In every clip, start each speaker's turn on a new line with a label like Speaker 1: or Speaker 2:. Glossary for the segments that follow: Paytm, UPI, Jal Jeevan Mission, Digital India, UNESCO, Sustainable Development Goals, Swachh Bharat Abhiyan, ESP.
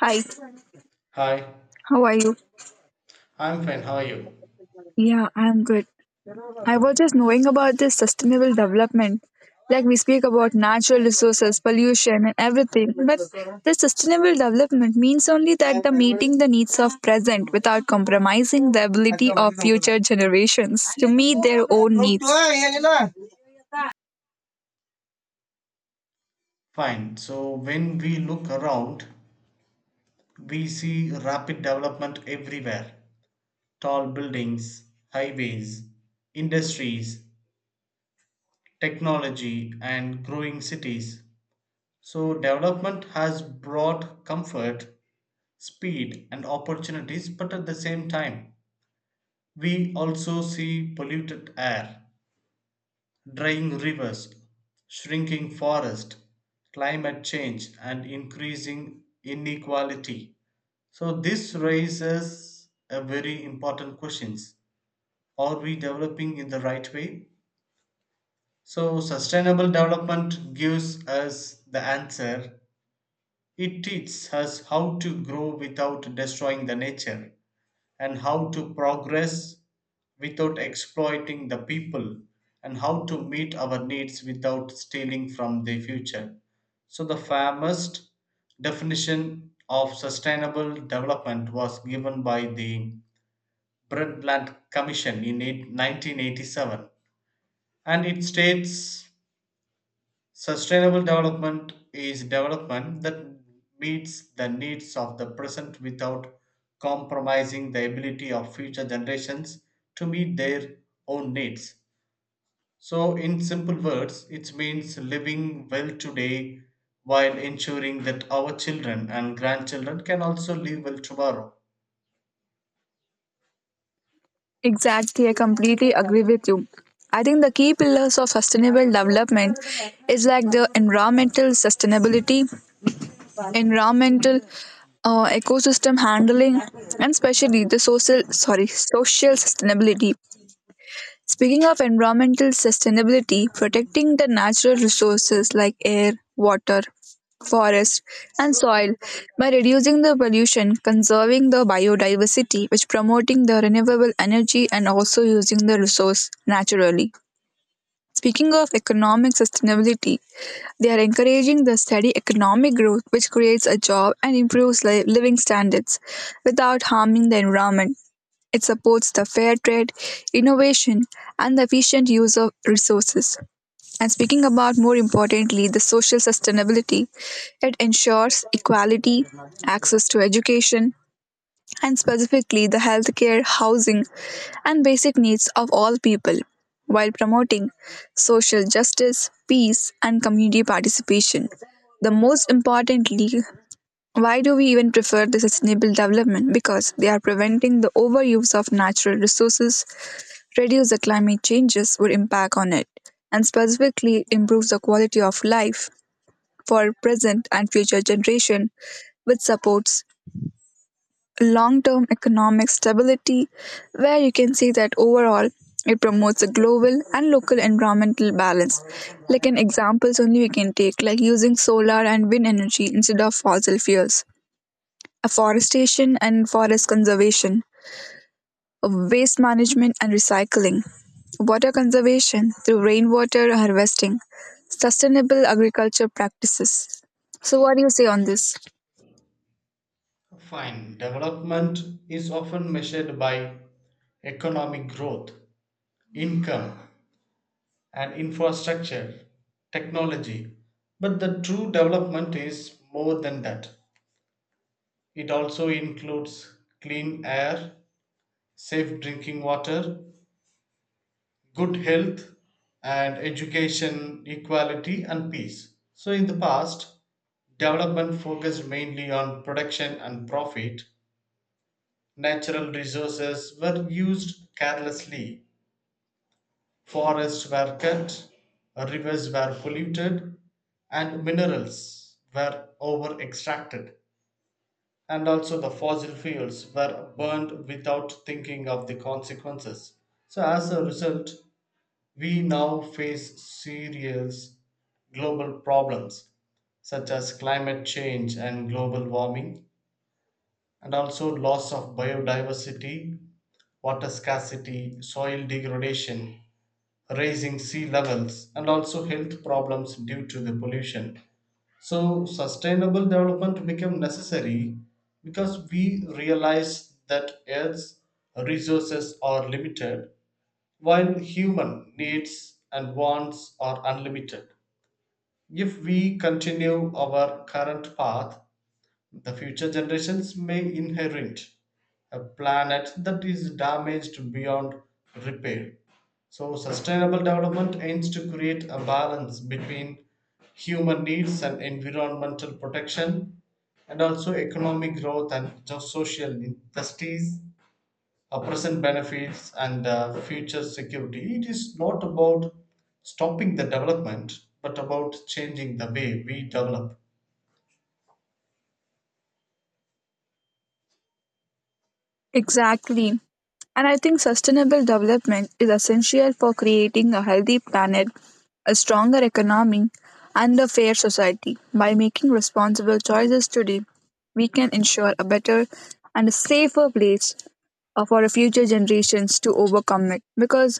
Speaker 1: Hi,
Speaker 2: Hi,
Speaker 1: how are you?
Speaker 2: I'm fine. How are you?
Speaker 1: Yeah, I'm good. I was
Speaker 2: Good.
Speaker 1: just knowing about this sustainable development. Like we speak about natural resources, pollution, and everything, but the sustainable development means only that the meeting the needs of present without compromising the ability of future generations to meet their own needs.
Speaker 2: Fine. So when we look around, we see rapid development everywhere. Tall buildings, highways, industries, technology, and growing cities. So development has brought comfort, speed, and opportunities, but at the same time, we also see polluted air, drying rivers, shrinking forests, climate change, and increasing inequality. So, this raises a very important questions. Are we developing in the right way? So, sustainable development gives us the answer. It teaches us how to grow without destroying the nature and how to progress without exploiting the people and how to meet our needs without stealing from the future. So, the famous definition of sustainable development was given by the Brundtland Commission in eight 1987, and it states, sustainable development is development that meets the needs of the present without compromising the ability of future generations to meet their own needs. So, in simple words, it means living well today while ensuring that our children and grandchildren can also live well tomorrow.
Speaker 1: Exactly, I completely agree with you. I think the key pillars of sustainable development is like the environmental sustainability, environmental ecosystem handling, and especially the social sorry social sustainability. Speaking of environmental sustainability, protecting the natural resources like air, water, forest, and soil by reducing the pollution, conserving the biodiversity, which promoting the renewable energy, and also using the resource naturally. Speaking of economic sustainability, they are encouraging the steady economic growth, which creates a job and improves living standards without harming the environment. It supports the fair trade, innovation, and the efficient use of resources. And speaking about more importantly, the social sustainability, it ensures equality, access to education, and specifically the healthcare, housing, and basic needs of all people, while promoting social justice, peace, and community participation. The most importantly, why do we even prefer the sustainable development? Because they are preventing the overuse of natural resources, reduce the climate changes would impact on it, and specifically improves the quality of life for present and future generation, which supports long-term economic stability, where you can see that overall it promotes a global and local environmental balance. Like an examples only we can take, like using solar and wind energy instead of fossil fuels, afforestation and forest conservation, waste management and recycling, water conservation through rainwater harvesting, sustainable agriculture practices. So what do you say on this?
Speaker 2: Fine. Development is often measured by economic growth, income, and infrastructure, technology. But the true development is more than that. It also includes clean air, safe drinking water, good health, and education, equality, and peace. So, in the past, development focused mainly on production and profit. Natural resources were used carelessly. Forests were cut, rivers were polluted, and minerals were over extracted, and also the fossil fuels were burned without thinking of the consequences. So, as a result, we now face serious global problems such as climate change and global warming, and also loss of biodiversity, water scarcity, soil degradation, rising sea levels, and also health problems due to the pollution. So, sustainable development became necessary because we realize that Earth's resources are limited, while human needs and wants are unlimited. If we continue our current path, the future generations may inherit a planet that is damaged beyond repair. So, sustainable development aims to create a balance between human needs and environmental protection, and also economic growth and social injustice, present benefits, and future security. It is not about stopping the development, but about changing the way we develop.
Speaker 1: Exactly. And I think sustainable development is essential for creating a healthy planet, a stronger economy, and a fair society. By making responsible choices today, we can ensure a better and a safer place for our future generations to overcome it. Because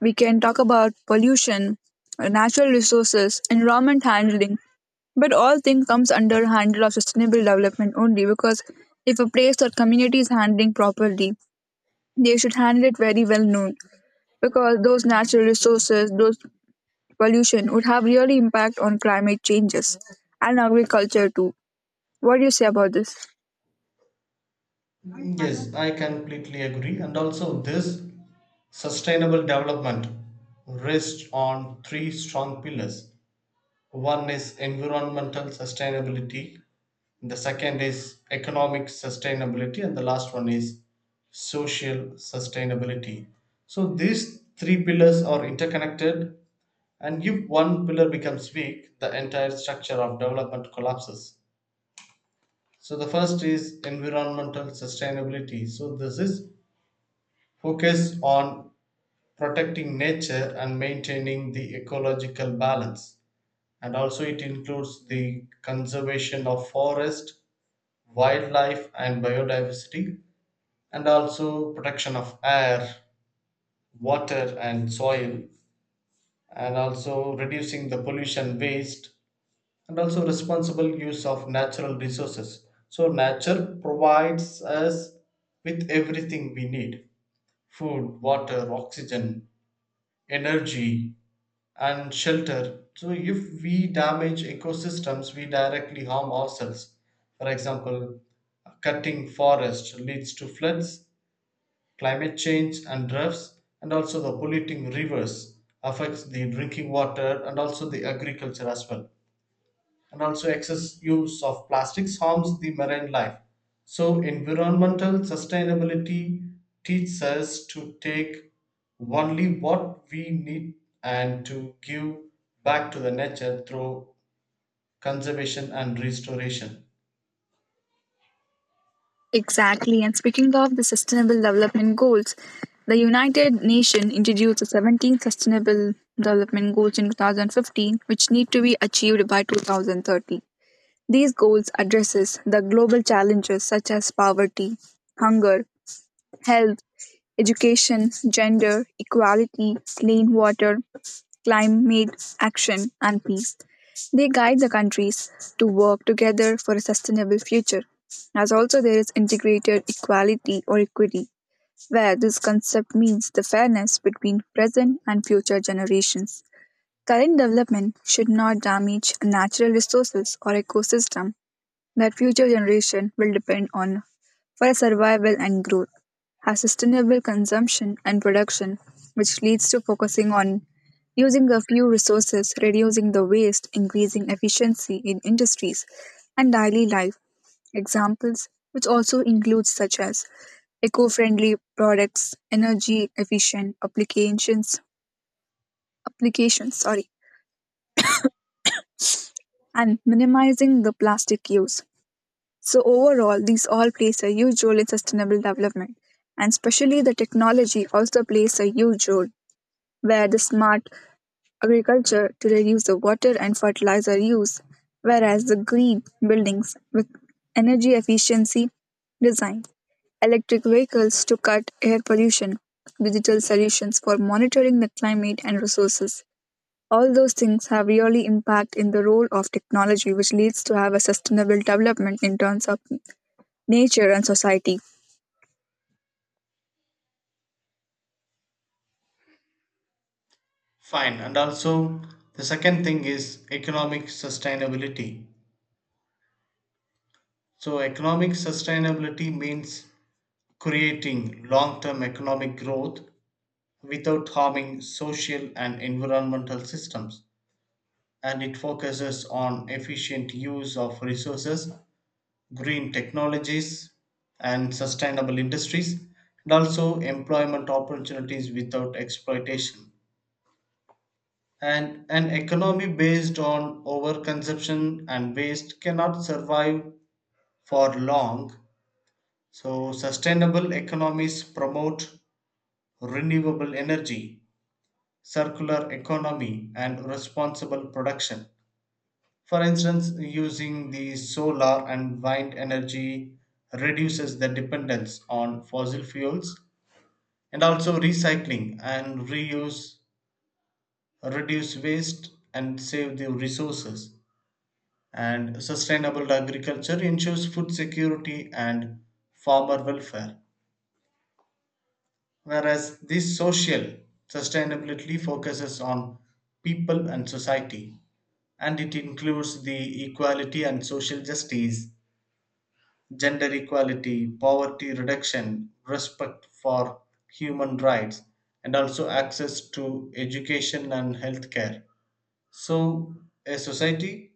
Speaker 1: we can talk about pollution, natural resources, environment handling, but all thing comes under handle of sustainable development only because if a place or community is handling properly, they should handle it very well known, because those natural resources, those pollution would have really impact on climate changes and agriculture too. What do you say about this?
Speaker 2: Yes, I completely agree. And also, this sustainable development rests on three strong pillars. One is environmental sustainability, the second is economic sustainability, and the last one is social sustainability. So, these three pillars are interconnected, and if one pillar becomes weak, the entire structure of development collapses. So the first is environmental sustainability. So this is focus on protecting nature and maintaining the ecological balance, and also it includes the conservation of forest, wildlife and biodiversity, and also protection of air, water and soil, and also reducing the pollution waste, and also responsible use of natural resources. So nature provides us with everything we need: food, water, oxygen, energy, and shelter. So if we damage ecosystems, we directly harm ourselves. For example, cutting forest leads to floods, climate change and droughts, and also the polluting rivers affects the drinking water and also the agriculture as well, and also excess use of plastics harms the marine life. So environmental sustainability teaches us to take only what we need and to give back to the nature through conservation and restoration.
Speaker 1: Exactly. And speaking of the Sustainable Development Goals, the United Nations introduced the 17 Sustainable Development Goals in 2015, which need to be achieved by 2030. These goals addresses the global challenges such as poverty, hunger, health, education, gender, equality, clean water, climate action, and peace. They guide the countries to work together for a sustainable future. As also, there is integrated equality or equity, where this concept means the fairness between present and future generations. Current development should not damage natural resources or ecosystem that future generation will depend on for survival and growth, have sustainable consumption and production, which leads to focusing on using a few resources, reducing the waste, increasing efficiency in industries and daily life. Examples which also include such as eco-friendly products, energy efficient applications, applications, sorry, and minimizing the plastic use. So, overall, these all plays a huge role in sustainable development, and especially the technology also plays a huge role, where the smart agriculture to reduce the water and fertilizer use, whereas the green buildings with energy efficiency design, electric vehicles to cut air pollution, digital solutions for monitoring the climate and resources. All those things have really impact in the role of technology, which leads to have a sustainable development in terms of nature, and society.
Speaker 2: Fine. And also the second thing is economic sustainability. So economic sustainability means creating long-term economic growth without harming social and environmental systems, and it focuses on efficient use of resources, green technologies, and sustainable industries, and also employment opportunities without exploitation. And an economy based on overconsumption and waste cannot survive for long, so sustainable economies promote renewable energy, circular economy, and responsible production. For instance, using the solar and wind energy reduces the dependence on fossil fuels, and also recycling and reuse reduce waste and save the resources, and sustainable agriculture ensures food security and farmer welfare. Whereas this social sustainability focuses on people and society, and it includes the equality and social justice, gender equality, poverty reduction, respect for human rights, and also access to education and healthcare. So, a society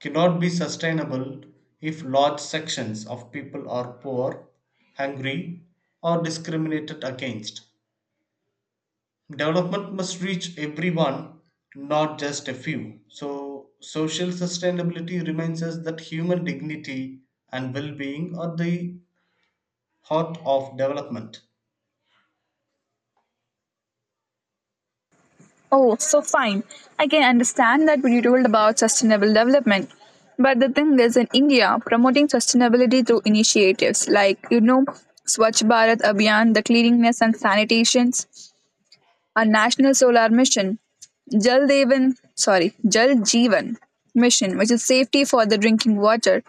Speaker 2: cannot be sustainable if large sections of people are poor, hungry, or discriminated against. Development must reach everyone, not just a few. So, social sustainability reminds us that human dignity and well being are the heart of development.
Speaker 1: Oh, so fine. I can understand that what you told about sustainable development. But the thing is, in India, promoting sustainability through initiatives like, you know, Swachh Bharat Abhiyan, the cleanliness and sanitations, a national solar mission, Jal Devan, sorry, Jal Jeevan mission, which is safety for the drinking water,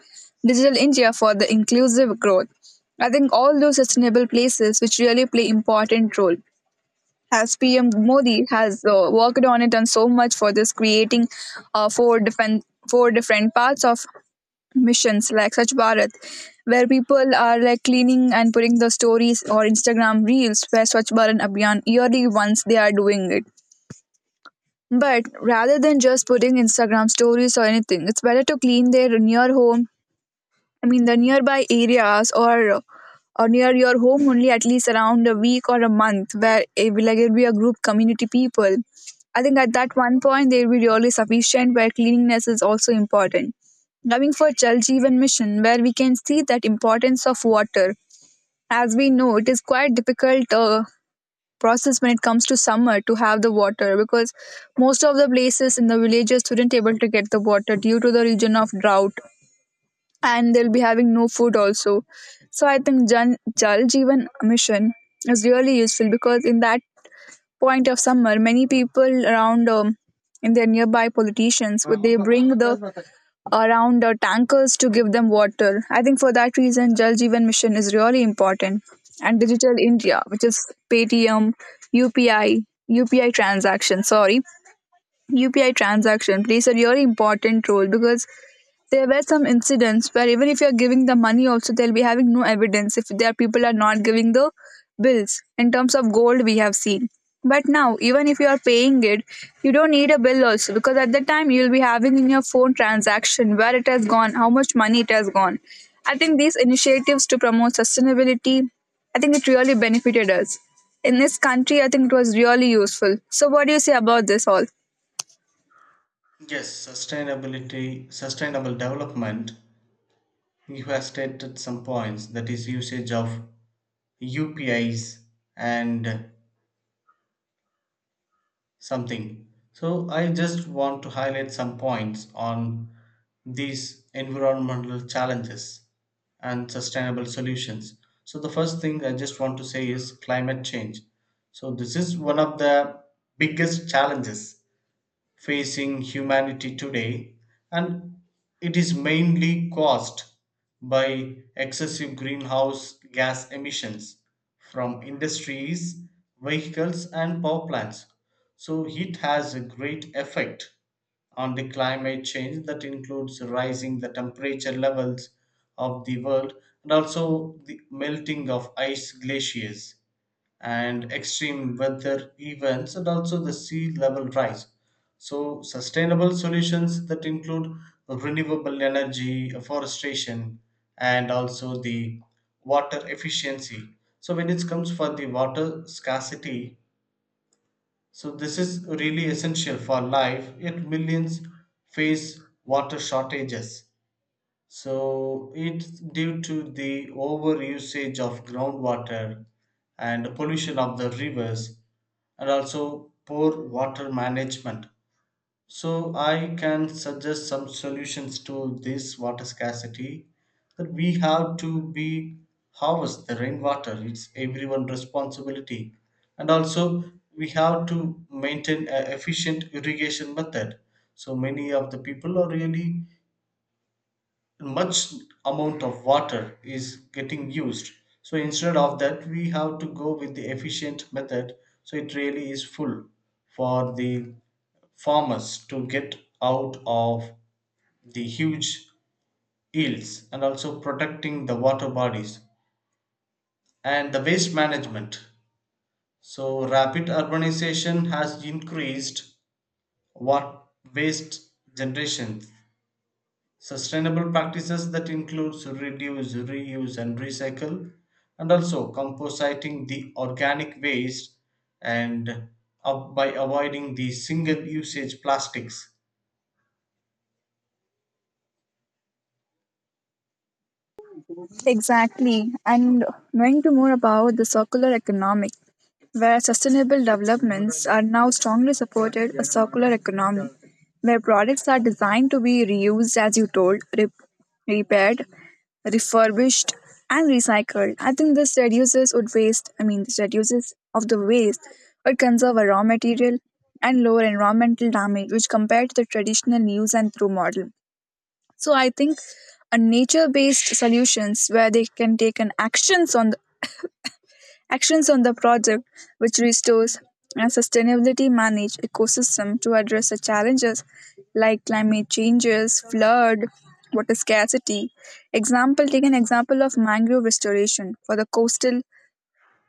Speaker 1: Digital India for the inclusive growth. I think all those sustainable places which really play important role. As PM Modi has worked on it and so much for this, creating four different parts of missions like Swachh Bharat, where people are like cleaning and putting the stories or Instagram reels where Swachh Bharat Abhiyan yearly once they are doing it. But rather than just putting Instagram stories or anything, it's better to clean their near home. I mean, the nearby areas or near your home only at least around a week or a month, where it will like it'll be a group community people. I think at that one point they'll be really sufficient, where cleanliness is also important. Coming for Jal Jeevan Mission, where we can see that importance of water. As we know, it is quite difficult process when it comes to summer to have the water because most of the places in the villages wouldn't able to get the water due to the region of drought and they'll be having no food also. So I think Jal Jeevan Mission is really useful because in that point of summer, many people around in their nearby politicians would they bring the around tankers to give them water. I think for that reason, Jal Jeevan Mission is really important. And Digital India, which is Paytm, UPI, UPI transaction, sorry, UPI transaction plays a really important role because there were some incidents where even if you're giving the money also they'll be having no evidence if their people are not giving the bills in terms of gold we have seen, but now even if you are paying it you don't need a bill also, because at the time you'll be having in your phone transaction where it has gone, how much money it has gone. I think these initiatives to promote sustainability, I think it really benefited us in this country. I think it was really useful. So what do you say about this all?
Speaker 2: Yes, sustainability, sustainable development. You have stated some points that is, usage of UPIs and something. So I just want to highlight some points on these environmental challenges and sustainable solutions. So the first thing I just want to say is climate change. So this is one of the biggest challenges facing humanity today, and it is mainly caused by excessive greenhouse gas emissions from industries, vehicles, and power plants. So, it has a great effect on the climate change that includes rising the temperature levels of the world, and also the melting of ice glaciers, and extreme weather events, and also the sea level rise. So, sustainable solutions that include renewable energy, afforestation, and also the water efficiency. So, when it comes for the water scarcity, so this is really essential for life, yet millions face water shortages. So it's due to the over usage of groundwater and pollution of the rivers, and also poor water management. So I can suggest some solutions to this water scarcity, that we have to be harvest the rainwater. It's everyone responsibility. And also we have to maintain an efficient irrigation method. So many of the people are really much amount of water is getting used, so instead of that we have to go with the efficient method, so it really is full for the farmers to get out of the huge yields, and also protecting the water bodies and the waste management. So rapid urbanization has increased what waste generation. Sustainable practices that includes reduce, reuse and recycle, and also compositing the organic waste, and up by avoiding the single usage plastics.
Speaker 1: Exactly. And knowing to more about the circular economy, where sustainable developments are now strongly supported a circular economy, where products are designed to be reused, as you told, repaired, refurbished, and recycled. I think this reduces would waste. I mean, this reduces of the waste or conserve a raw material and lower environmental damage, which compared to the traditional use and throw model. So I think a nature-based solutions where they can take an actions actions on the project which restores and sustainability manage ecosystem to address the challenges like climate changes, flood, water scarcity. Example, take an example of mangrove restoration for the coastal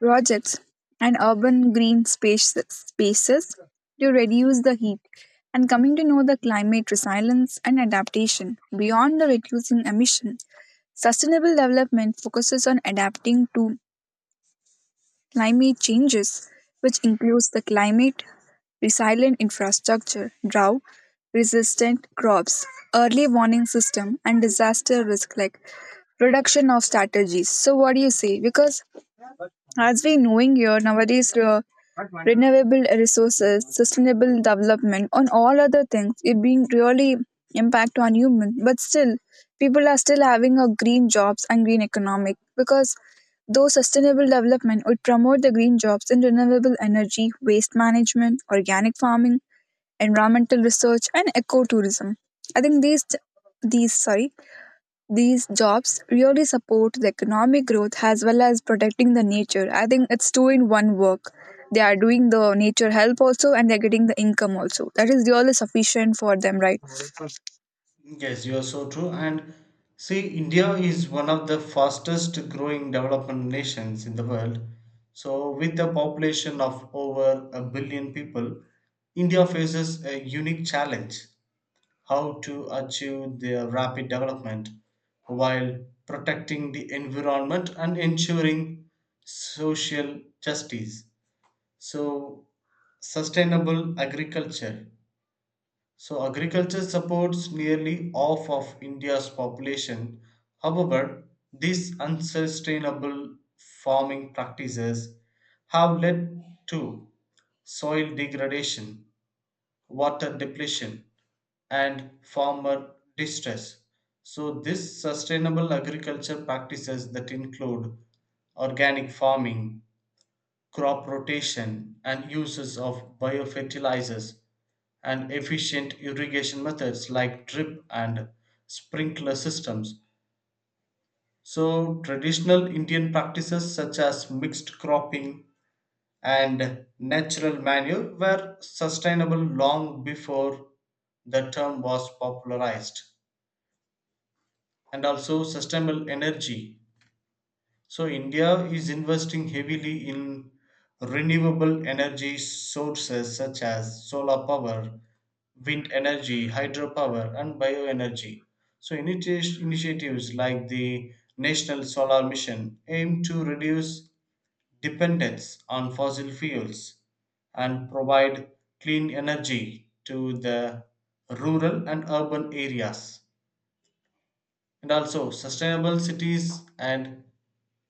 Speaker 1: projects, and urban green spaces to reduce the heat, and coming to know the climate resilience and adaptation beyond the reducing emissions. Sustainable development focuses on adapting to climate changes, which includes the climate resilient infrastructure, drought resistant crops, early warning system, and disaster risk like reduction of strategies. So what do you say? Because as we knowing here nowadays, renewable resources, sustainable development, on all other things, it being really impact on human. But still, people are still having a green jobs and green economic, because though sustainable development would promote the green jobs in renewable energy, waste management, organic farming, environmental research, and ecotourism. I think these sorry these jobs really support the economic growth as well as protecting the nature. I think it's two in one work. They are doing the nature help also and they're getting the income also. That is really sufficient for them, right?
Speaker 2: Yes, you are so true. And see, India is one of the fastest growing development nations in the world. So, with a population of over a billion people, India faces a unique challenge: how to achieve their rapid development while protecting the environment and ensuring social justice. So, sustainable agriculture. So, agriculture supports nearly half of India's population. However, these unsustainable farming practices have led to soil degradation, water depletion, and farmer distress. So, this sustainable agriculture practices that include organic farming, crop rotation, and uses of biofertilizers, and efficient irrigation methods like drip and sprinkler systems. So, traditional Indian practices such as mixed cropping and natural manure were sustainable long before the term was popularized. And also sustainable energy. So India is investing heavily in renewable energy sources such as solar power, wind energy, hydropower and bioenergy. So initiatives like the national solar mission aim to reduce dependence on fossil fuels and provide clean energy to the rural and urban areas. And also sustainable cities and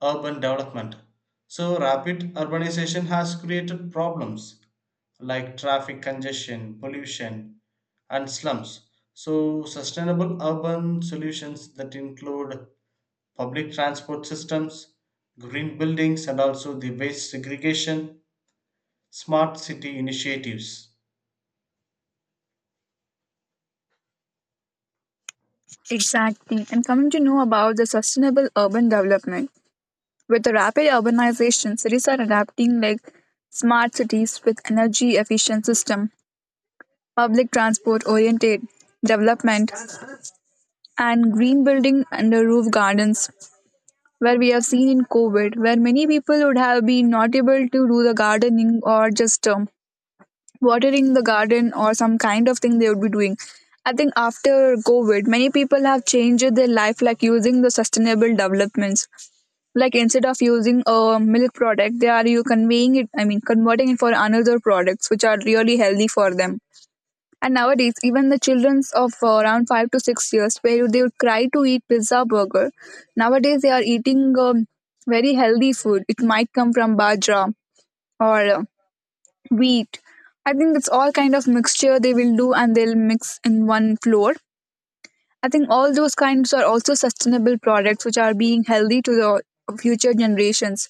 Speaker 2: urban development. So rapid urbanization has created problems like traffic congestion, pollution and slums. So sustainable urban solutions that include public transport systems, green buildings, and also the waste segregation, smart city initiatives.
Speaker 1: Exactly. And coming to know about the sustainable urban development. With the rapid urbanization, cities are adapting like smart cities with energy efficient system, public transport oriented development, and green building and the roof gardens, where we have seen in COVID, where many people would have been not able to do the gardening or just watering the garden or some kind of thing they would be doing. I think after COVID, many people have changed their life like using the sustainable developments. Like instead of using a milk product, they are you conveying it. I mean, converting it for another products which are really healthy for them. And nowadays, even the childrens of around 5 to 6 years, where they would cry to eat pizza burger, nowadays they are eating very healthy food. It might come from bajra or wheat. I think it's all kind of mixture they will do and they'll mix in one flour. I think all those kinds are also sustainable products which are being healthy to the future generations.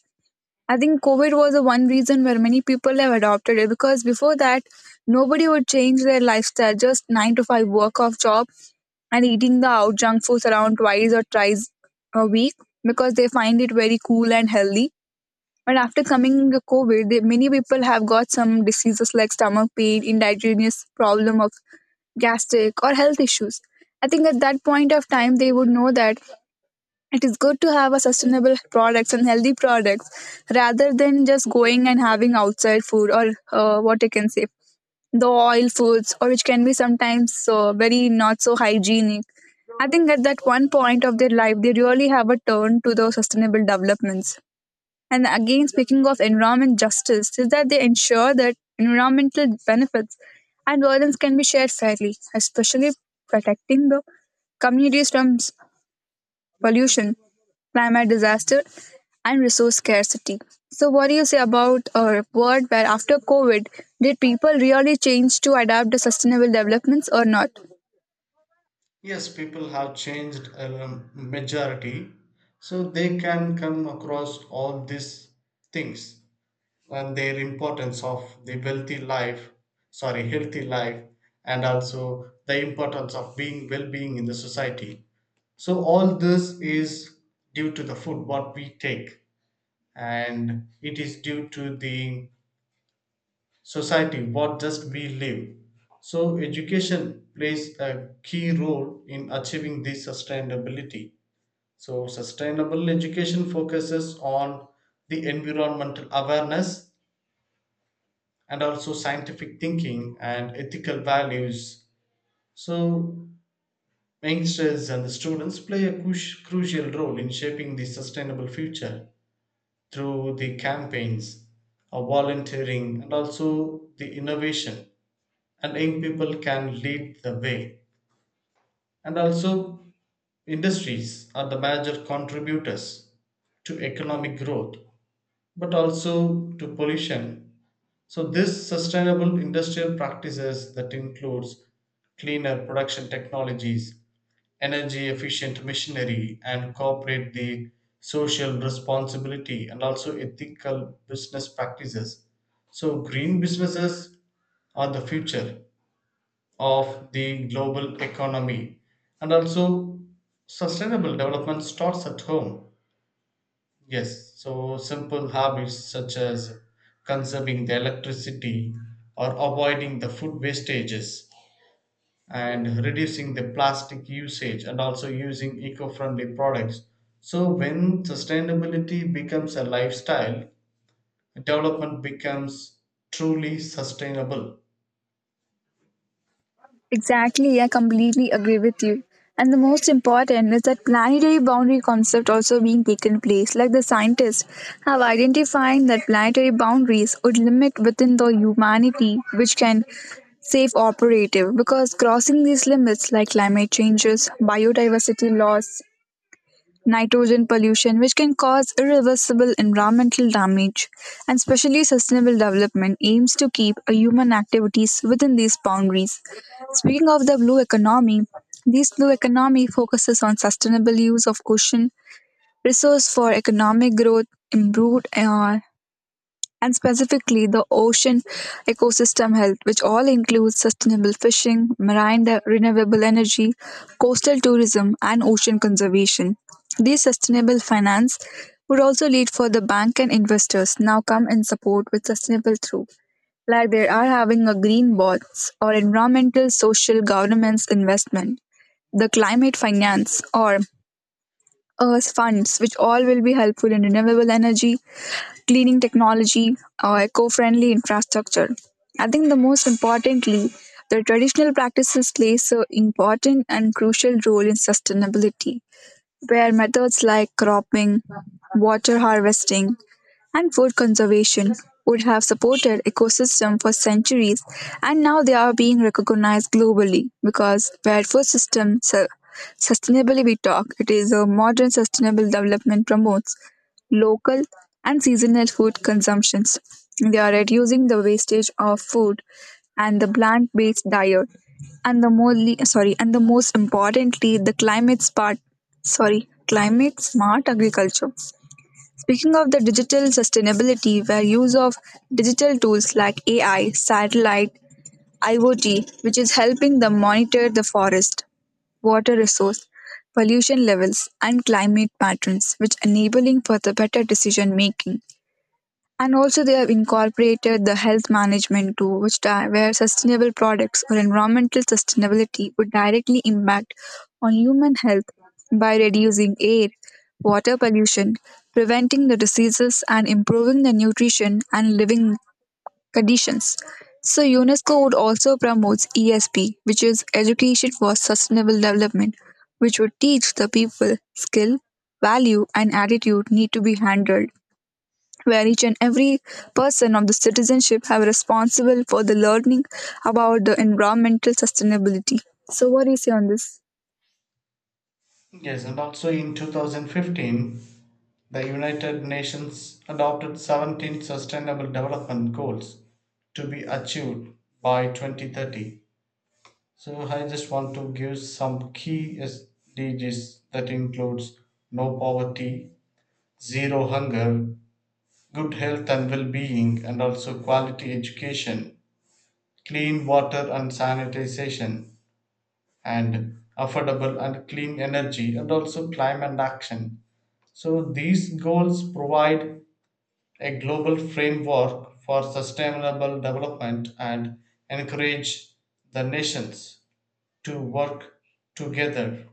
Speaker 1: I think COVID was the one reason where many people have adopted it, because before that, nobody would change their lifestyle, just 9 to 5 work off job and eating the out junk foods around twice or thrice a week because they find it very cool and healthy. But after coming the COVID, they, many people have got some diseases like stomach pain, indigenous problem of gastric or health issues. I think at that point of time, they would know that it is good to have a sustainable products and healthy products rather than just going and having outside food or what I can say the oil foods or which can be sometimes very not so hygienic. I think at that one point of their life they really have a turn to the sustainable developments. And again, speaking of environment justice, is that they ensure that environmental benefits and burdens can be shared fairly, especially protecting the communities from pollution, climate disaster, and resource scarcity. So, what do you say about a world where after COVID, did people really change to adapt to sustainable developments or not?
Speaker 2: Yes, people have changed a majority, so they can come across all these things and their importance of the wealthy life, sorry, healthy life, and also the importance of being well-being in the society. So all this is due to the food what we take, and it is due to the society, what just we live. So education plays a key role in achieving this sustainability. So sustainable education focuses on the environmental awareness, and also scientific thinking and ethical values. So youngsters and the students play a crucial role in shaping the sustainable future through the campaigns of volunteering, and also the innovation, and young people can lead the way. And also, industries are the major contributors to economic growth, but also to pollution. So, this sustainable industrial practices that includes cleaner production technologies, energy efficient machinery, and corporate the social responsibility, and also ethical business practices. So, green businesses are the future of the global economy. And also sustainable development starts at home. Yes, so simple habits such as conserving the electricity, or avoiding the food wastages, and reducing the plastic usage, and also using eco-friendly products. So when sustainability becomes a lifestyle, development becomes truly sustainable.
Speaker 1: Exactly, I completely agree with you. And the most important is that planetary boundary concept also being taken place, like the scientists have identified that planetary boundaries would limit within the humanity which can safe operative, because crossing these limits like climate changes, biodiversity loss, nitrogen pollution, which can cause irreversible environmental damage, and especially sustainable development aims to keep a human activities within these boundaries. Speaking of the blue economy, this blue economy focuses on sustainable use of ocean resource for economic growth, improved and specifically the ocean ecosystem health, which all includes sustainable fishing, renewable energy, coastal tourism, and ocean conservation. These sustainable finance would also lead for the bank and investors now come in support with sustainable through, like they are having a green bonds or environmental social governance investment, the climate finance or earth funds, which all will be helpful in renewable energy, cleaning technology, or eco friendly infrastructure. I think the most importantly, the traditional practices play so important and crucial role in sustainability, where methods like cropping, water harvesting, and food conservation would have supported ecosystem for centuries, and now they are being recognized globally. Because where sustainably we talk, it is a modern sustainable development promotes local and seasonal food consumptions, they are reducing the wastage of food and the plant-based diet, and the more sorry and the most importantly the sorry climate smart agriculture. Speaking of the digital sustainability, where use of digital tools like AI, satellite, IoT, which is helping them monitor the forest, water resource, pollution levels, and climate patterns, which enabling for the better decision making. And also, they have incorporated the health management too, where sustainable products or environmental sustainability would directly impact on human health by reducing air, water pollution, preventing the diseases, and improving the nutrition and living conditions. So, UNESCO would also promotes ESP, which is Education for Sustainable Development, which would teach the people skill, value, and attitude need to be handled, where each and every person of the citizenship have responsible for the learning about the environmental sustainability. So what do you say on this?
Speaker 2: Yes, and also in 2015, the United Nations adopted 17 Sustainable Development Goals to be achieved by 2030. So I just want to give some key SDGs that includes no poverty, zero hunger, good health and well-being, and also quality education, clean water and sanitization, and affordable and clean energy, and also climate action. So these goals provide a global framework for sustainable development and encourage the nations to work together.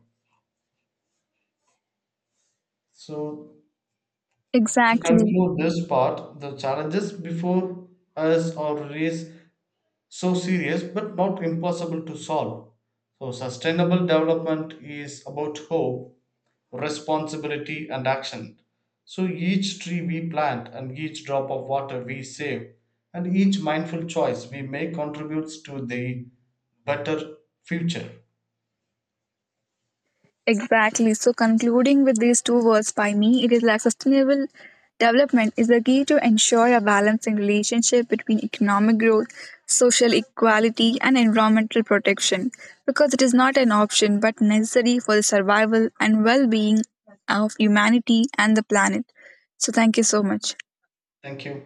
Speaker 2: So to
Speaker 1: Exactly.
Speaker 2: conclude this part, the challenges before us are really so serious but not impossible to solve. So sustainable development is about hope, responsibility and action. So each tree we plant and each drop of water we save and each mindful choice we make contributes to the better future.
Speaker 1: Exactly. So concluding with these two words by me, it is like sustainable development is the key to ensure a balancing relationship between economic growth, social equality and environmental protection, because it is not an option but necessary for the survival and well-being of humanity and the planet. So thank you so much.
Speaker 2: Thank you.